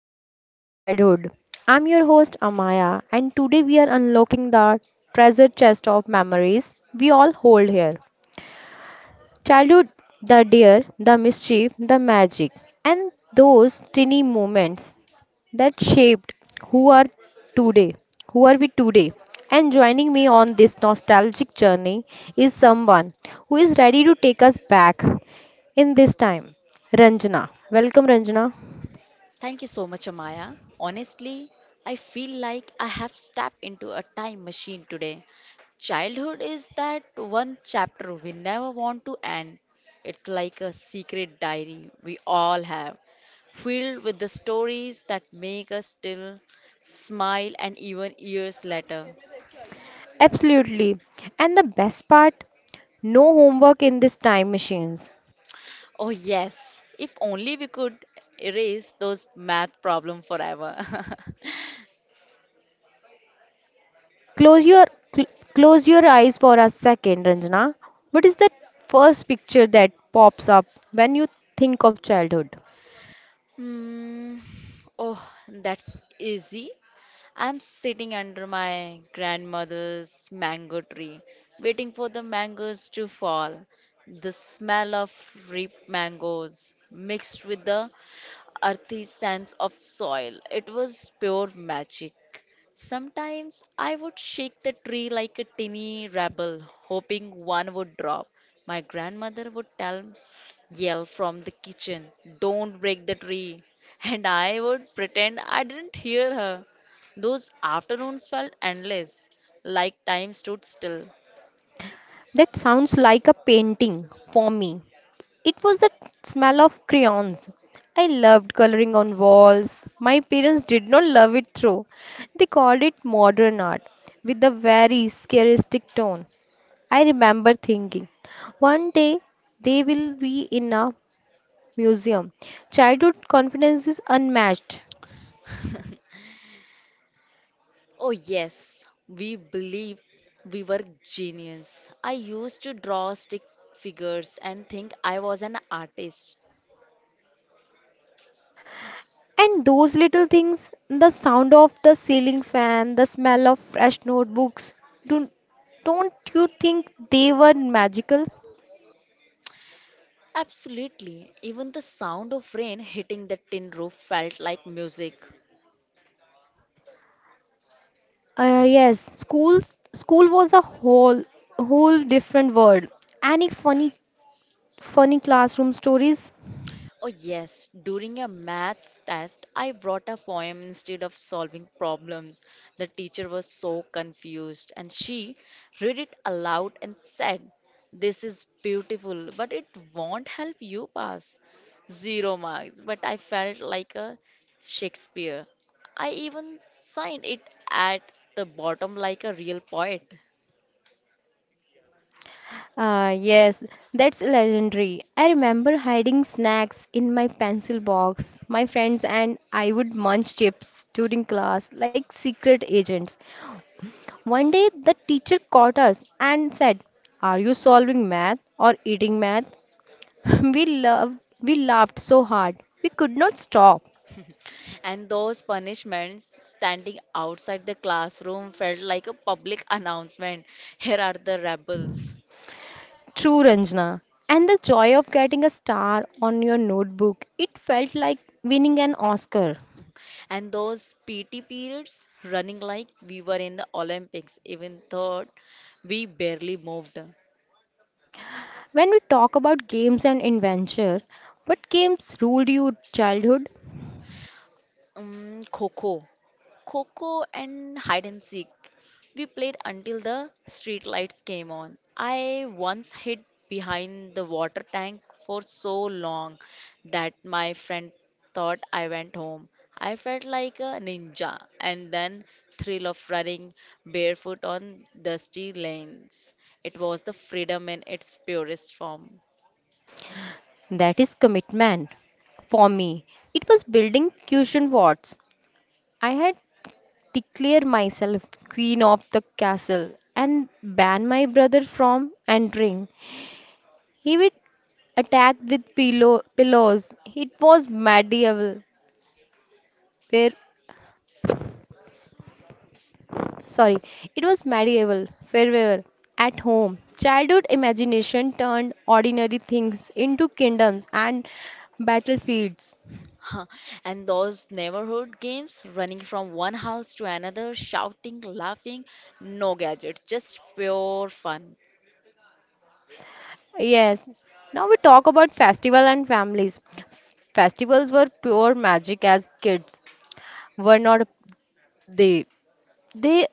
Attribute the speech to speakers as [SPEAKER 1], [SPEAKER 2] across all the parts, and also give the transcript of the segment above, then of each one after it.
[SPEAKER 1] to Echoes of Childhood. I'm your host Amaya, and today we are unlocking the treasure chest of memories we all hold here. Childhood, the dear, the mischief, the magic, and those tiny moments that shaped who are today, who are we today. And joining me on this nostalgic journey is someone who is ready to take us back in this time, Ranjana. Welcome, Ranjana.
[SPEAKER 2] Thank you so much, Amaya. Honestly, I feel like I have stepped into a time machine today. Childhood is that one chapter we never want to end. It's like a secret diary we all have, filled with the stories that make us still smile and even years later.
[SPEAKER 1] Absolutely. And the best part, no homework in this time machines.
[SPEAKER 2] Oh, yes, if only we could erase those math problems forever.
[SPEAKER 1] Close your cl- close your eyes for a second, Ranjana. What is the first picture that pops up when you think of childhood?
[SPEAKER 2] Hmm. Oh, that's easy. I'm sitting under my grandmother's mango tree, waiting for the mangoes to fall. The smell of ripe mangoes mixed with the earthy sense of soil. It was pure magic. Sometimes I would shake the tree like a tiny rebel, hoping one would drop. My grandmother would yell from the kitchen, "Don't break the tree." And I would pretend I didn't hear her. Those afternoons felt endless, like time stood still.
[SPEAKER 1] That sounds like a painting for me. It was the smell of crayons. I loved coloring on walls. My parents did not love it through. They called it modern art with a very scaristic tone. I remember thinking, one day they will be in a museum. Childhood confidence is unmatched.
[SPEAKER 2] Oh, yes, we believed we were genius. I used to draw stick figures and think I was an artist.
[SPEAKER 1] And those little things, the sound of the ceiling fan, the smell of fresh notebooks, do, don't you think they were magical?
[SPEAKER 2] Absolutely, even the sound of rain hitting the tin roof felt like music.
[SPEAKER 1] Yes, school was a whole different world. Any funny classroom stories?
[SPEAKER 2] Oh, yes. During a maths test, I wrote a poem instead of solving problems. The teacher was so confused and she read it aloud and said, "This is beautiful, but it won't help you pass. Zero marks." But I felt like a Shakespeare. I even signed it at the bottom like a real poet.
[SPEAKER 1] Ah, yes, that's legendary. I remember hiding snacks in my pencil box. My friends and I would munch chips during class like secret agents. One day, the teacher caught us and said, "Are you solving math or eating math?" We laughed so hard. We could not stop.
[SPEAKER 2] And those punishments standing outside the classroom felt like a public announcement. Here are the rebels.
[SPEAKER 1] True, Ranjana. And the joy of getting a star on your notebook, it felt like winning an Oscar.
[SPEAKER 2] And those PT periods running like we were in the Olympics, even though we barely moved.
[SPEAKER 1] When we talk about games and adventure, what games ruled your childhood?
[SPEAKER 2] Kho Kho. Coco and hide and seek. We played until the street lights came on. I once hid behind the water tank for so long that my friend thought I went home. I felt like a ninja and then thrill of running barefoot on dusty lanes. It was the freedom in its purest form.
[SPEAKER 1] That is commitment. For me, it was building cushion forts. I had declared myself queen of the castle and banned my brother from entering. He would attack with pillows. It was medieval, where Sorry, it was medieval, fervor at home. Childhood imagination turned ordinary things into kingdoms and battlefields.
[SPEAKER 2] And those neighborhood games, running from one house to another, shouting, laughing, no gadgets, just pure fun.
[SPEAKER 1] Yes, now we talk about festival and families. Festivals were pure magic as kids, were not they? They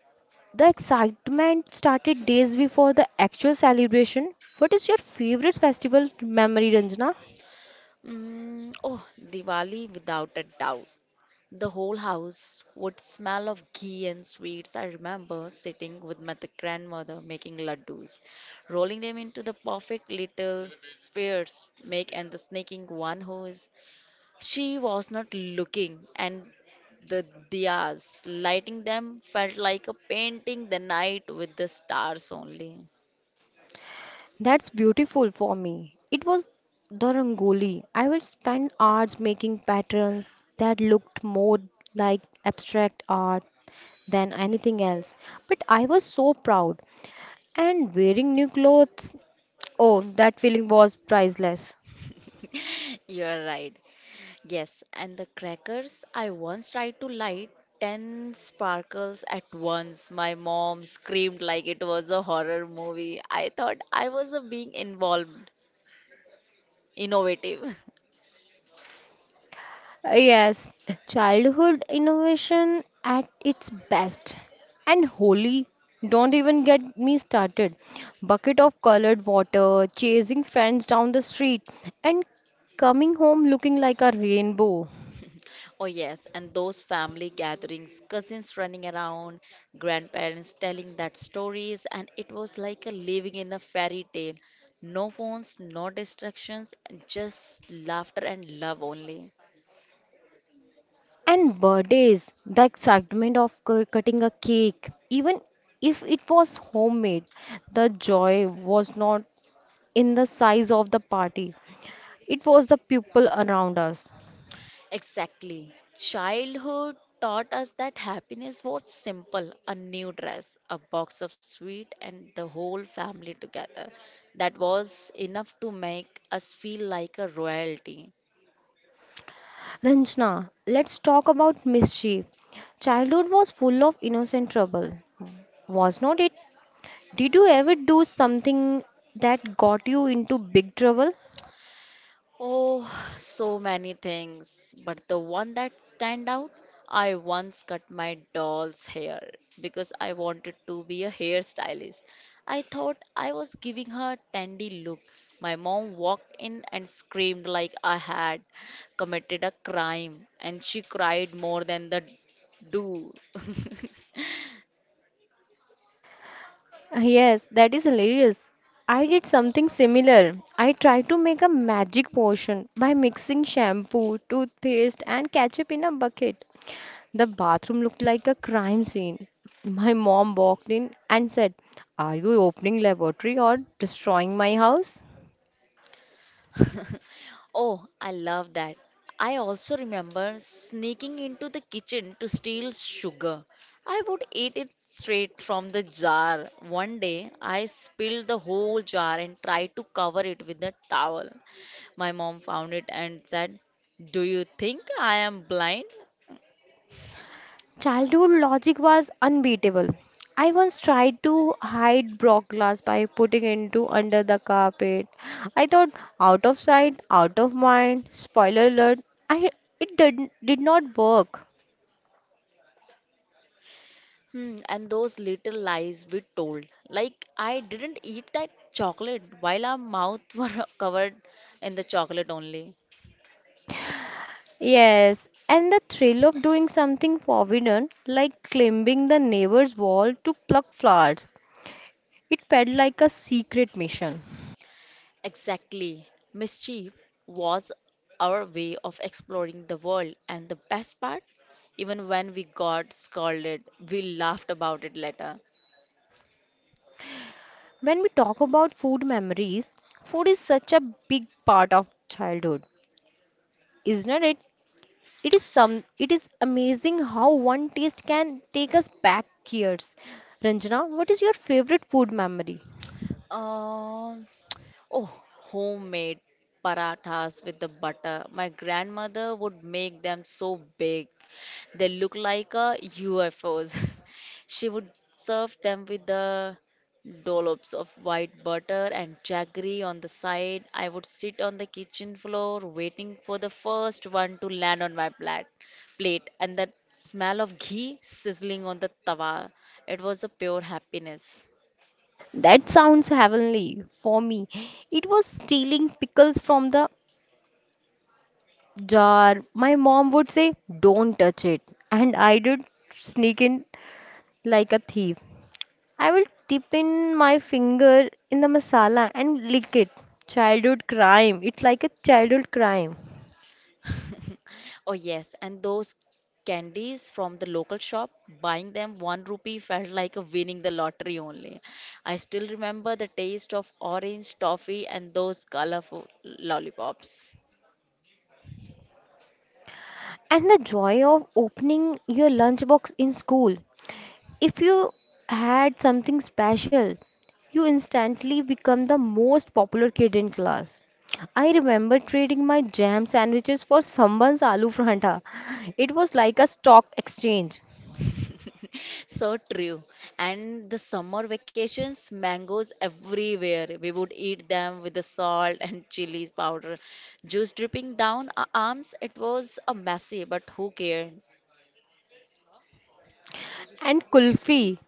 [SPEAKER 1] the excitement started days before the actual celebration. What is your favorite festival memory, Ranjana?
[SPEAKER 2] Oh, Diwali without a doubt. The whole house would smell of ghee and sweets. I remember sitting with my grandmother making laddus, rolling them into the perfect little spheres, make and the sneaking one who is she was not looking, and the diyas, lighting them felt like a painting the night with the stars only.
[SPEAKER 1] That's beautiful for me. It was the Rangoli. I would spend hours making patterns that looked more like abstract art than anything else. But I was so proud. And wearing new clothes, oh, that feeling was priceless.
[SPEAKER 2] You're right. Yes, and the crackers, I once tried to light 10 sparkles at once. My mom screamed like it was a horror movie. I thought I was innovative.
[SPEAKER 1] Yes, childhood innovation at its best. And holy, don't even get me started. Bucket of colored water, chasing friends down the street, and coming home looking like a rainbow.
[SPEAKER 2] Oh, yes, and those family gatherings, cousins running around, grandparents telling that stories, and it was like a living in a fairy tale. No phones, no distractions, just laughter and love only.
[SPEAKER 1] And birthdays, the excitement of cutting a cake, even if it was homemade, the joy was not in the size of the party, it was the people around us.
[SPEAKER 2] Exactly. Childhood taught us that happiness was simple a new dress, a box of sweet, and the whole family together. That was enough to make us feel like a royalty.
[SPEAKER 1] Ranjana, let's talk about mischief. Childhood was full of innocent trouble, was not it? Did you ever do something that got you into big trouble?
[SPEAKER 2] Oh, so many things, but the one that stand out, I once cut my doll's hair because I wanted to be a hairstylist. I thought I was giving her a dandy look. My mom walked in and screamed like I had committed a crime, and she cried more than the do.
[SPEAKER 1] Yes, that is hilarious. I did something similar. I tried to make a magic potion by mixing shampoo, toothpaste, and ketchup in a bucket. The bathroom looked like a crime scene. My mom walked in and said, "Are you opening laboratory or destroying my house?"
[SPEAKER 2] Oh, I love that. I also remember sneaking into the kitchen to steal sugar. I would eat it straight from the jar. One day, I spilled the whole jar and tried to cover it with a towel. My mom found it and said, "Do you think I am blind?"
[SPEAKER 1] Childhood logic was unbeatable. I once tried to hide glass by putting into under the carpet. I thought out of sight, out of mind. Spoiler alert, I it did not work.
[SPEAKER 2] Hmm, and those little lies we told. Like, I didn't eat that chocolate while our mouth were covered in the chocolate only.
[SPEAKER 1] Yes, and the thrill of doing something forbidden, like climbing the neighbor's wall to pluck flowers, it felt like a secret mission.
[SPEAKER 2] Exactly. Mischief was our way of exploring the world, and the best part, even when we got scolded, we laughed about it later.
[SPEAKER 1] When we talk about food memories, food is such a big part of childhood, isn't it? It is some it is amazing how one taste can take us back years. Ranjana, what is your favorite food memory?
[SPEAKER 2] Um, Oh, homemade parathas with the butter. My grandmother would make them so big. They look like UFOs. She would serve them with the dollops of white butter and jaggery on the side. I would sit on the kitchen floor waiting for the first one to land on my plate and that smell of ghee sizzling on the tawa. It was a pure happiness.
[SPEAKER 1] That sounds heavenly for me. It was stealing pickles from the jar. My mom would say, "Don't touch it." And I did sneak in like a thief. I will dip in my finger in the masala and lick it. Childhood crime. It's like a childhood crime.
[SPEAKER 2] Oh, yes, and those candies from the local shop, buying them one rupee felt like a winning the lottery only. I still remember the taste of orange toffee and those colorful lollipops.
[SPEAKER 1] And the joy of opening your lunchbox in school. If you had something special, you instantly become the most popular kid in class. I remember trading my jam sandwiches for someone's aloo pranta. It was like a stock exchange.
[SPEAKER 2] So true. And the summer vacations, mangoes everywhere. We would eat them with the salt and chilies powder, juice dripping down our arms. It was a messy, but who cared?
[SPEAKER 1] And kulfi,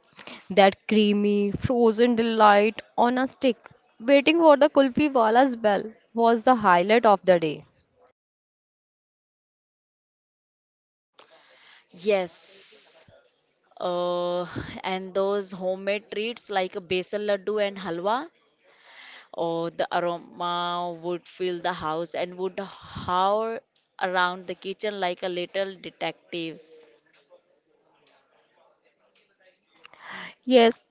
[SPEAKER 1] that creamy, frozen delight on a stick. Waiting for the kulfi wala's bell was the highlight of the day.
[SPEAKER 2] Yes. Uh, and those homemade treats like a basil laddu and halwa, or the aroma would fill the house and would hover around the kitchen like a little detectives.
[SPEAKER 1] Yes,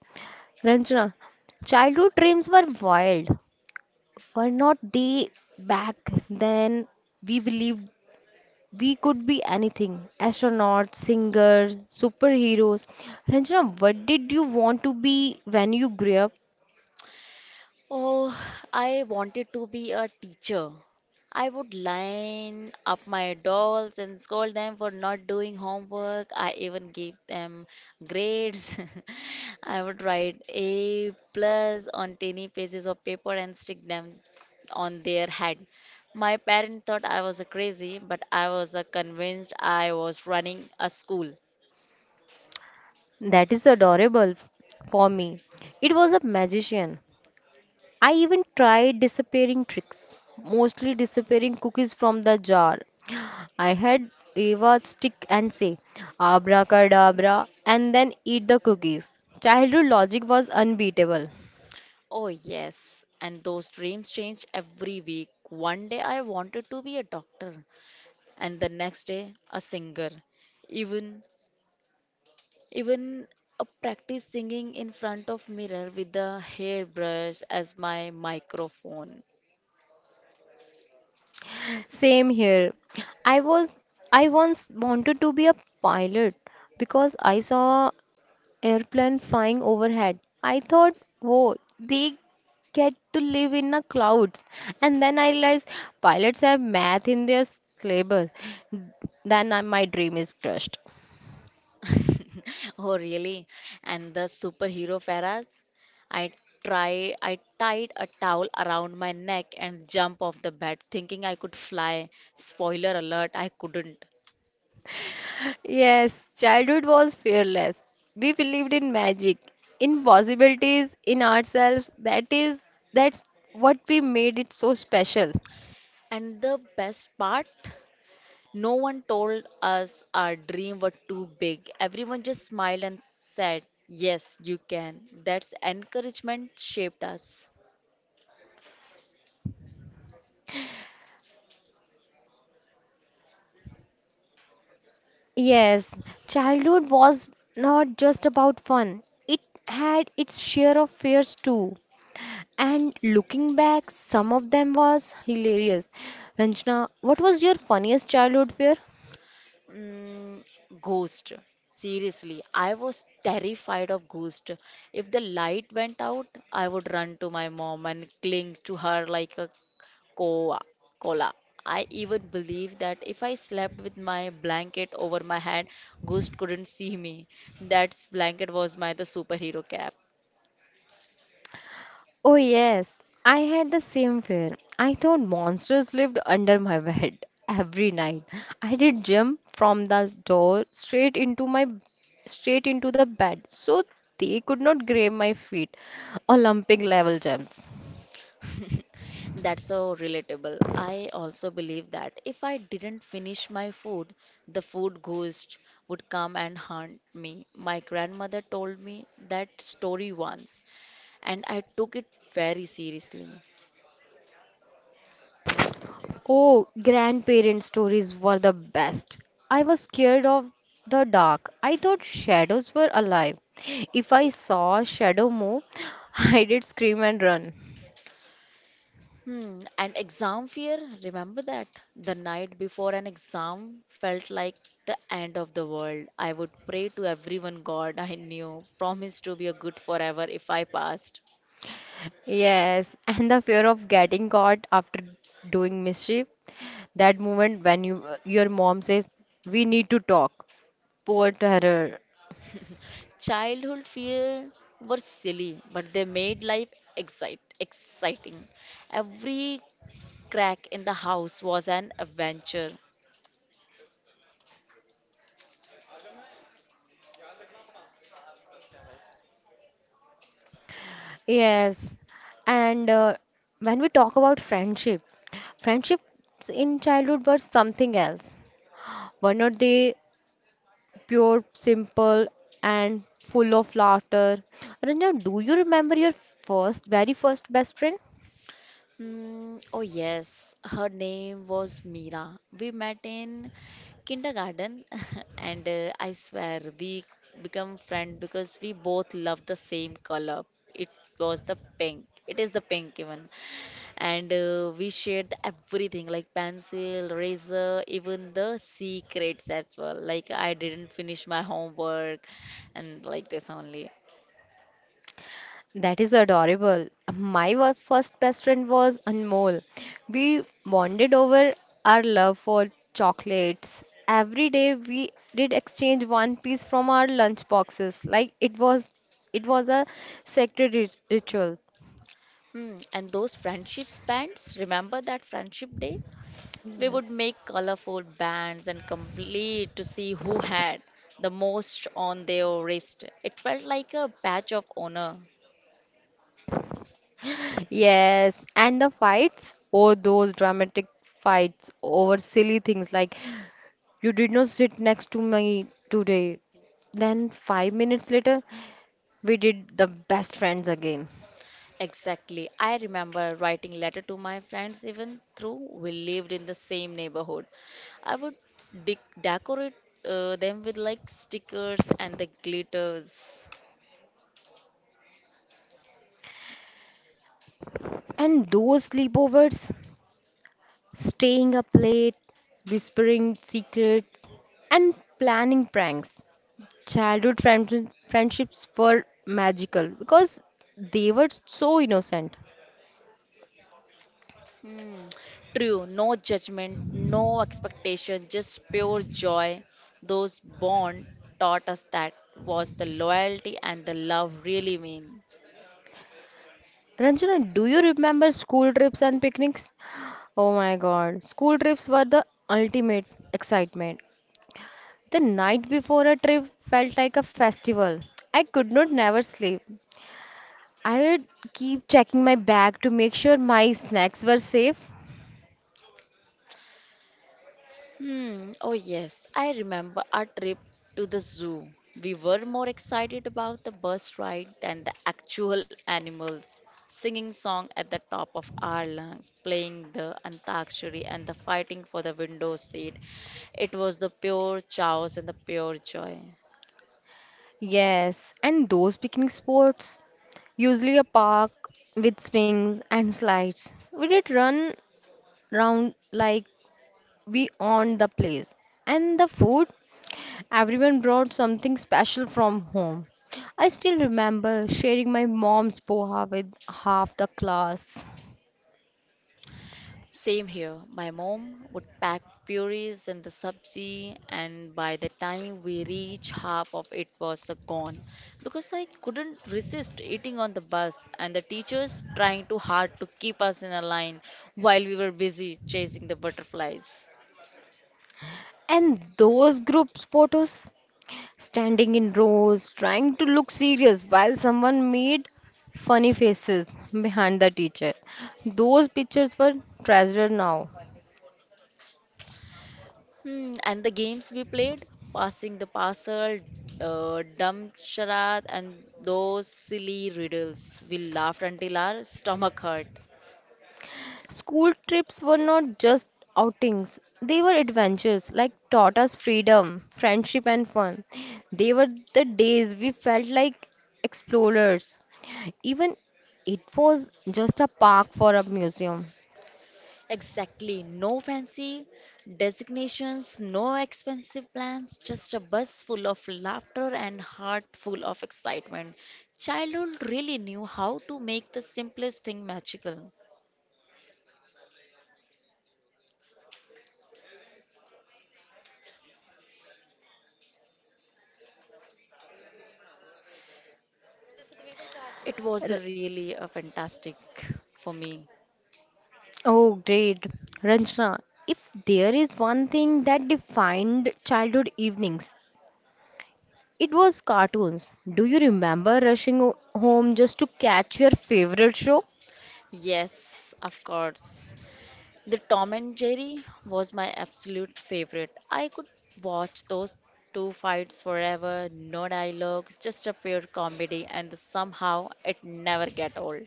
[SPEAKER 1] Ranjana, childhood dreams were wild. Were not they back then, we believed we could be anything astronaut, singer, superheroes. Ranjana, what did you want to be when you grew up?
[SPEAKER 2] Oh, I wanted to be a teacher. I would line up my dolls and scold them for not doing homework. I even gave them grades. I would write A plus on tiny pieces of paper and stick them on their head. My parents thought I was a crazy, but I was convinced I was running a school.
[SPEAKER 1] That is adorable for me. It was a magician. I even tried disappearing tricks, mostly disappearing cookies from the jar. I had Eva stick and say, "Abracadabra," and then eat the cookies. Childhood logic was unbeatable.
[SPEAKER 2] Oh, yes. And those dreams changed every week. One day I wanted to be a doctor and the next day a singer, even even a practice singing in front of mirror with the hairbrush as my microphone.
[SPEAKER 1] Same here. I was I once wanted to be a pilot because I saw a airplane flying overhead. I thought, "Whoa, they get to live in the clouds." And then I realized pilots have math in their syllabus. My dream is crushed.
[SPEAKER 2] Oh, really. And the superhero faraz, i I tied a towel around my neck and jump off the bed, thinking I could fly. Spoiler alert, I couldn't.
[SPEAKER 1] Yes, childhood was fearless. We believed in magic, in possibilities, in ourselves. That's what we made it so special.
[SPEAKER 2] And the best part, no one told us our dream were too big. Everyone just smiled and said, "Yes, you can." That's encouragement shaped us.
[SPEAKER 1] Yes, childhood was not just about fun. It had its share of fears too. And looking back, some of them was hilarious. Ranjana, what was your funniest childhood fear?
[SPEAKER 2] Mm, Ghost. Seriously, I was terrified of ghost. If the light went out, I would run to my mom and cling to her like a koa, koala. I even believed that if I slept with my blanket over my head, ghost couldn't see me. That blanket was my the superhero cap.
[SPEAKER 1] Oh yes, I had the same fear. I thought monsters lived under my bed every night. I did jump from the door straight into my straight into the bed so they could not grab my feet. Olympic level jumps.
[SPEAKER 2] That's so relatable. I also believe that if I didn't finish my food, the food ghost would come and haunt me. My grandmother told me that story once, and I took it very seriously.
[SPEAKER 1] Oh, grandparent stories were the best. I was scared of the dark. I thought shadows were alive. If I saw a shadow move, I did scream and run.
[SPEAKER 2] And exam fear, remember that? The night before an exam felt like the end of the world. I would pray to everyone God I knew, promise to be a good forever if I passed.
[SPEAKER 1] Yes, and the fear of getting caught after doing mischief. That moment when you your mom says, "We need to talk." Poor terror.
[SPEAKER 2] Childhood fear were silly, but they made life exciting. Every crack in the house was an adventure.
[SPEAKER 1] Yes, and when we talk about friendship, friendships in childhood were something else. Were not they pure, simple, and full of laughter. Ranjan, do you remember your very first best friend?
[SPEAKER 2] Oh, yes, her name was Mira. We met in kindergarten, and I swear we become friend because we both love the same color. It was the pink. It is the pink even. And we shared everything like pencil, razor, even the secrets as well. Like I didn't finish my homework and like this only.
[SPEAKER 1] That is adorable. My first best friend was Anmol. We bonded over our love for chocolates. Every day we did exchange one piece from our lunch boxes, like it was a sacred ritual.
[SPEAKER 2] Hmm. And those friendship bands, remember that friendship day? We would
[SPEAKER 1] Yes.
[SPEAKER 2] make colorful bands and complete to see who had the most on their wrist. It felt like a badge of honor.
[SPEAKER 1] Yes, and the fights, oh, those dramatic fights over silly things like you did not sit next to me today. Then, 5 minutes later, we did the best friends again.
[SPEAKER 2] Exactly. I remember writing letter to my friends even through we lived in the same neighborhood. I would de decorate them with like stickers and the glitters.
[SPEAKER 1] And those sleepovers, staying up late, whispering secrets, and planning pranks. Childhood friendships were magical because they were so innocent.
[SPEAKER 2] Hmm. True, no judgment, no expectation, just pure joy. Those bond taught us that was the loyalty and the love really mean.
[SPEAKER 1] Ranjana, do you remember school trips and picnics? Oh my God. School trips were the ultimate excitement. The night before a trip felt like a festival. I could not never sleep. I would keep checking my bag to make sure my snacks were safe.
[SPEAKER 2] Hmm. Oh, yes. I remember our trip to the zoo. We were more excited about the bus ride than the actual animals. Singing song at the top of our lungs, playing the antakshari and the fighting for the window seat. It was the pure chaos and the pure joy.
[SPEAKER 1] Yes, and those picnic spots, usually a park with swings and slides. We did run round like we owned the place. And the food? Everyone brought something special from home. I still remember sharing my mom's poha with half the class.
[SPEAKER 2] Same here. My mom would pack purees in the sabzi, and by the time we reached, half of it was gone because I couldn't resist eating on the bus, and the teachers trying too hard to keep us in a line while we were busy chasing the butterflies.
[SPEAKER 1] And those group photos? Standing in rows, trying to look serious while someone made funny faces behind the teacher. Those pictures were treasured now.
[SPEAKER 2] And the games we played, passing the parcel, dumb charade, and those silly riddles. We laughed until our stomach hurt.
[SPEAKER 1] School trips were not just outings, they were adventures like taught us freedom, friendship, and fun. They were the days we felt like explorers, even it was just a park for a museum.
[SPEAKER 2] Exactly. No fancy designations, no expensive plans, just a bus full of laughter and heart full of excitement. Childhood really knew how to make the simplest thing magical. It
[SPEAKER 1] R-
[SPEAKER 2] was a really a fantastic for me.
[SPEAKER 1] Oh, great. Ranjana, if there is one thing that defined childhood evenings, it was cartoons. Do you remember rushing home just to catch your favorite show?
[SPEAKER 2] Yes, of course. The Tom and Jerry was my absolute favorite. I could watch those two fights forever, no dialogues, just a pure comedy, and somehow it never get old.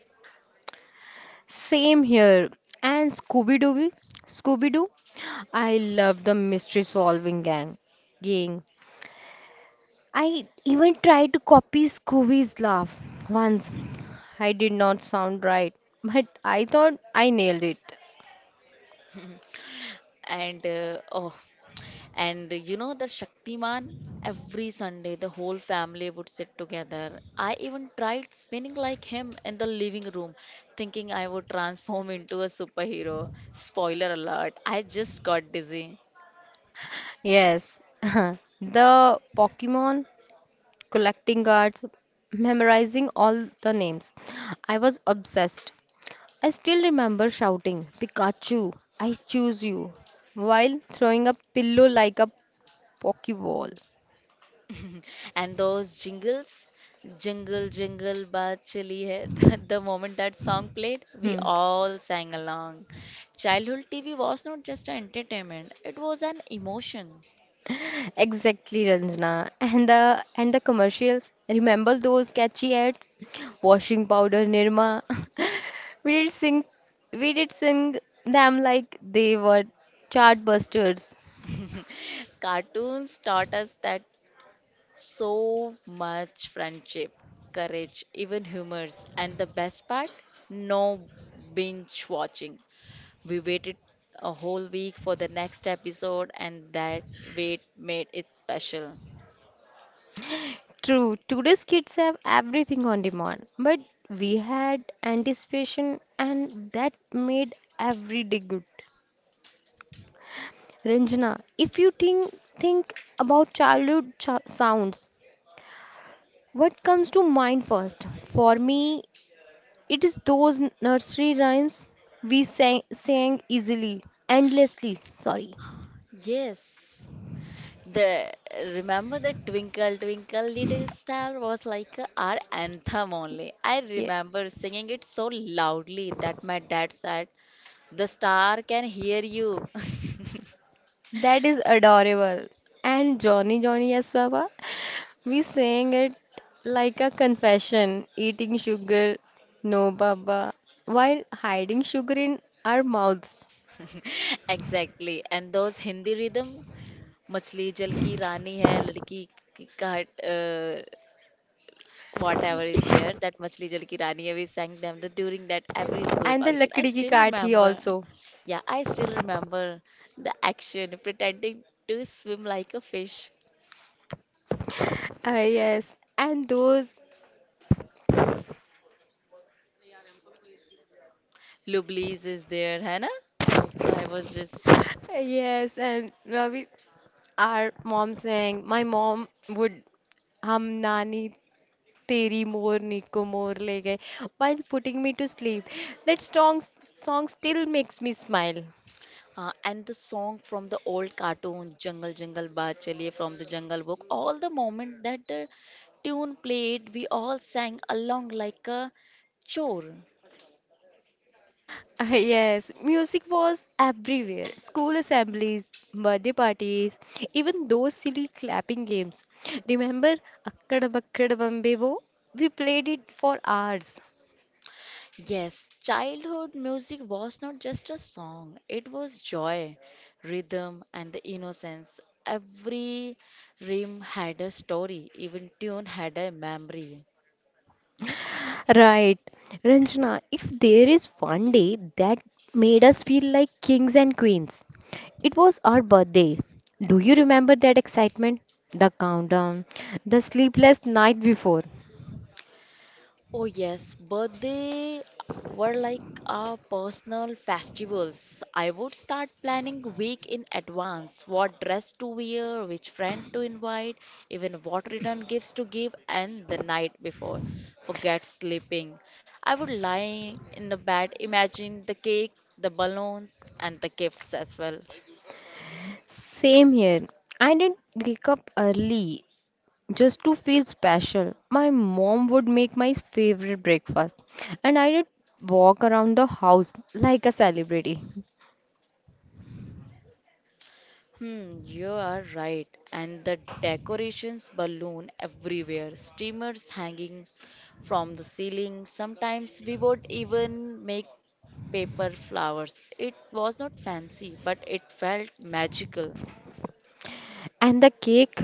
[SPEAKER 1] Same here. And Scooby Doo, I love the mystery solving gang. Gang. I even tried to copy Scooby's laugh once. I did not sound right, but I thought I nailed it.
[SPEAKER 2] And oh, and you know the Shaktiman? Every Sunday, the whole family would sit together. I even tried spinning like him in the living room, thinking I would transform into a superhero. Spoiler alert, I just got dizzy.
[SPEAKER 1] Yes, the Pokemon collecting cards, memorizing all the names. I was obsessed. I still remember shouting, "Pikachu, I choose you," while throwing a pillow like a pokeball.
[SPEAKER 2] And those jingles, jingle, jingle, but chili hai. The moment that song played, we
[SPEAKER 1] Hmm.
[SPEAKER 2] all sang along. Childhood TV was not just an entertainment, it was an emotion.
[SPEAKER 1] Exactly, Ranjana. And the commercials. Remember those catchy ads? Washing powder, Nirma. we did sing, we did sing them like they were chartbusters.
[SPEAKER 2] Cartoons taught us that so much friendship, courage, even humors. And the best part, no binge watching. We waited a whole week for the next episode, and that wait made it special.
[SPEAKER 1] True, today's kids have everything on demand, but we had anticipation, and that made every day good. Ranjana, if think about childhood sounds, what comes to mind first? For me, it is those nursery rhymes we sang easily, endlessly. Sorry.
[SPEAKER 2] Yes, The remember the Twinkle Twinkle Little Star was like our anthem
[SPEAKER 1] Y-
[SPEAKER 2] only. I
[SPEAKER 1] Yes,
[SPEAKER 2] remember singing it so loudly that my dad said, "The star can hear you."
[SPEAKER 1] that is adorable. And Johnny Johnny Yes Baba, we sang it like a confession, eating sugar, no Baba, while hiding sugar in our mouths.
[SPEAKER 2] Exactly. And those Hindi rhythm, "Machli Jal Ki Rani Hai, Ladki Ka," uh, whatever is there, that "Machli Jal Ki Rani Hai," we sang them the, during that every school
[SPEAKER 1] And the
[SPEAKER 2] function. I
[SPEAKER 1] Lakdi Ki
[SPEAKER 2] still
[SPEAKER 1] Kaathi
[SPEAKER 2] remember.
[SPEAKER 1] also.
[SPEAKER 2] Yeah, I still remember the action, pretending to swim like a fish.
[SPEAKER 1] Yes, and those,
[SPEAKER 2] Lublis is there, Hannah. Also, I was just
[SPEAKER 1] yes, and we, our mom sang, My mom would hum nani teri more niko more le gaye, while putting me to sleep. That song still makes me smile.
[SPEAKER 2] And the song from the old cartoon Jungle Jungle Baat Chaliye from the Jungle Book. All the moment that the tune played, we all sang along like a chore.
[SPEAKER 1] Yes, music was everywhere. School assemblies, birthday parties, even those silly clapping games. Remember, Akkad Bakkad Bambe. We played it for hours.
[SPEAKER 2] Yes, childhood music was not just a song, it was joy, rhythm, and the innocence. Every rhyme had a story, even tune had a memory.
[SPEAKER 1] Right. Ranjana, if there is one day that made us feel like kings and queens, it was our birthday. Do you remember that excitement? The countdown, the sleepless night before.
[SPEAKER 2] Oh, yes, birthday were like our personal festivals. I would start planning week in advance, what dress to wear, which friend to invite, even what return gifts to give, and the night before. Forget sleeping. I would lie in the bed, imagine the cake, the balloons, and the gifts as well.
[SPEAKER 1] Same here. I didn't wake up early just to feel special. My mom would make my favorite breakfast, and I did walk around the house like a celebrity.
[SPEAKER 2] Hmm, you are right. And the decorations balloon everywhere, streamers hanging from the ceiling. Sometimes we would even make paper flowers. It was not fancy, but it felt magical.
[SPEAKER 1] And the cake?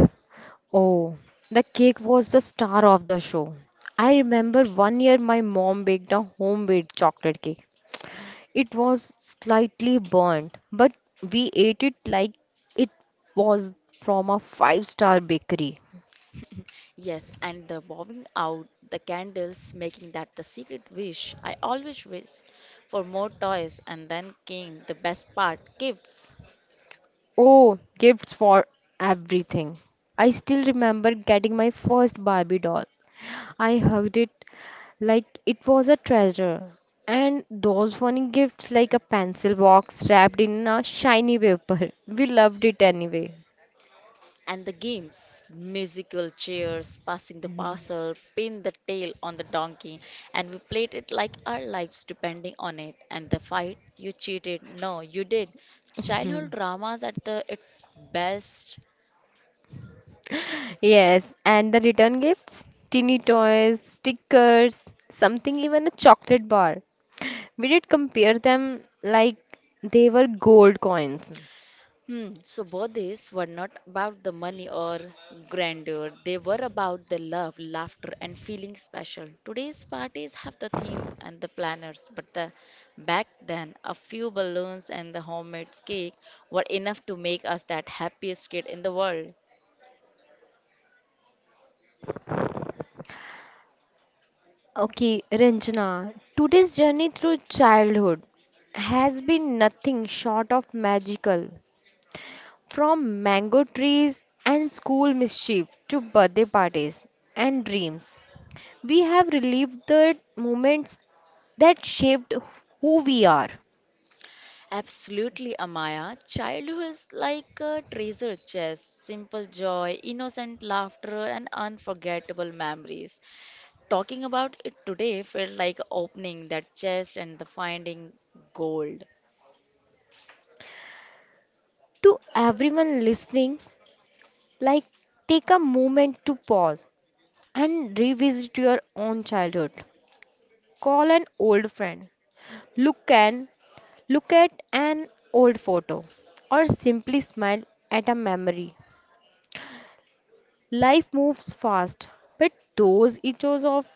[SPEAKER 1] Oh, the cake was the star of the show. I remember one year my mom baked a homemade chocolate cake. It was slightly burnt, but we ate it like it was from a five-star bakery.
[SPEAKER 2] Yes, and the bowing out, the candles, making that the secret wish. I always wished for more toys, and then came the best part, gifts.
[SPEAKER 1] Oh, gifts for everything. I still remember getting my first Barbie doll. I hugged it like it was a treasure. And those funny gifts, like a pencil box wrapped in a shiny paper. We loved it anyway.
[SPEAKER 2] And the games musical chairs, passing the parcel, pin the tail on the donkey, and we played it like our lives depending on it. And the fight you cheated, no, you did. Childhood dramas at the its best.
[SPEAKER 1] Yes, and the return gifts, teeny toys, stickers, something even a chocolate bar. We did compare them like they were gold coins.
[SPEAKER 2] Hmm, so birthdays were not about the money or grandeur. They were about the love, laughter, and feeling special. Today's parties have the theme and the planners, but the, back then, a few balloons and the homemade cake were enough to make us that happiest kid in the world.
[SPEAKER 1] Okay, Ranjana, today's journey through childhood has been nothing short of magical. From mango trees and school mischief to birthday parties and dreams, we have relived the moments that shaped who we are.
[SPEAKER 2] Absolutely, Amaya. Childhood is like a treasure chest, simple joy, innocent laughter, and unforgettable memories. Talking about it today felt like opening that chest and the finding gold.
[SPEAKER 1] To everyone listening, like take a moment to pause and revisit your own childhood. Call an old friend. Look an Look at an old photo or simply smile at a memory. Life moves fast, but those echoes of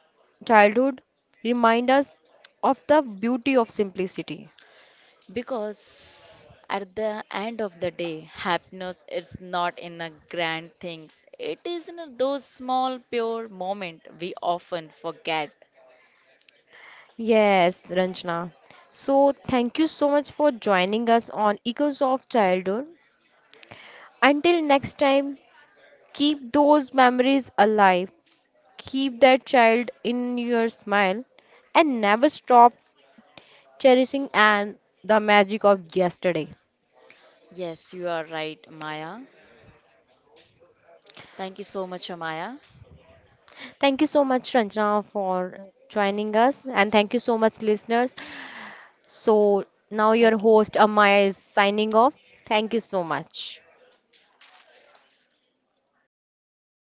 [SPEAKER 1] childhood remind us of the beauty of simplicity.
[SPEAKER 2] Because at the end of the day, happiness is not in the grand things. It is in those small pure moments we often forget.
[SPEAKER 1] Yes, Ranjana. So, thank you so much for joining us on Echoes of Childhood. Until next time, keep those memories alive, keep that child in your smile, and never stop cherishing and the magic of yesterday.
[SPEAKER 2] Yes, you are right, Maya. Thank you so much, Maya.
[SPEAKER 1] Thank you so much, Ranjana, for joining us. And thank you so much, listeners. So now your
[SPEAKER 2] Thank you
[SPEAKER 1] host,
[SPEAKER 2] so
[SPEAKER 1] Amaya, is signing off. Thank you so much.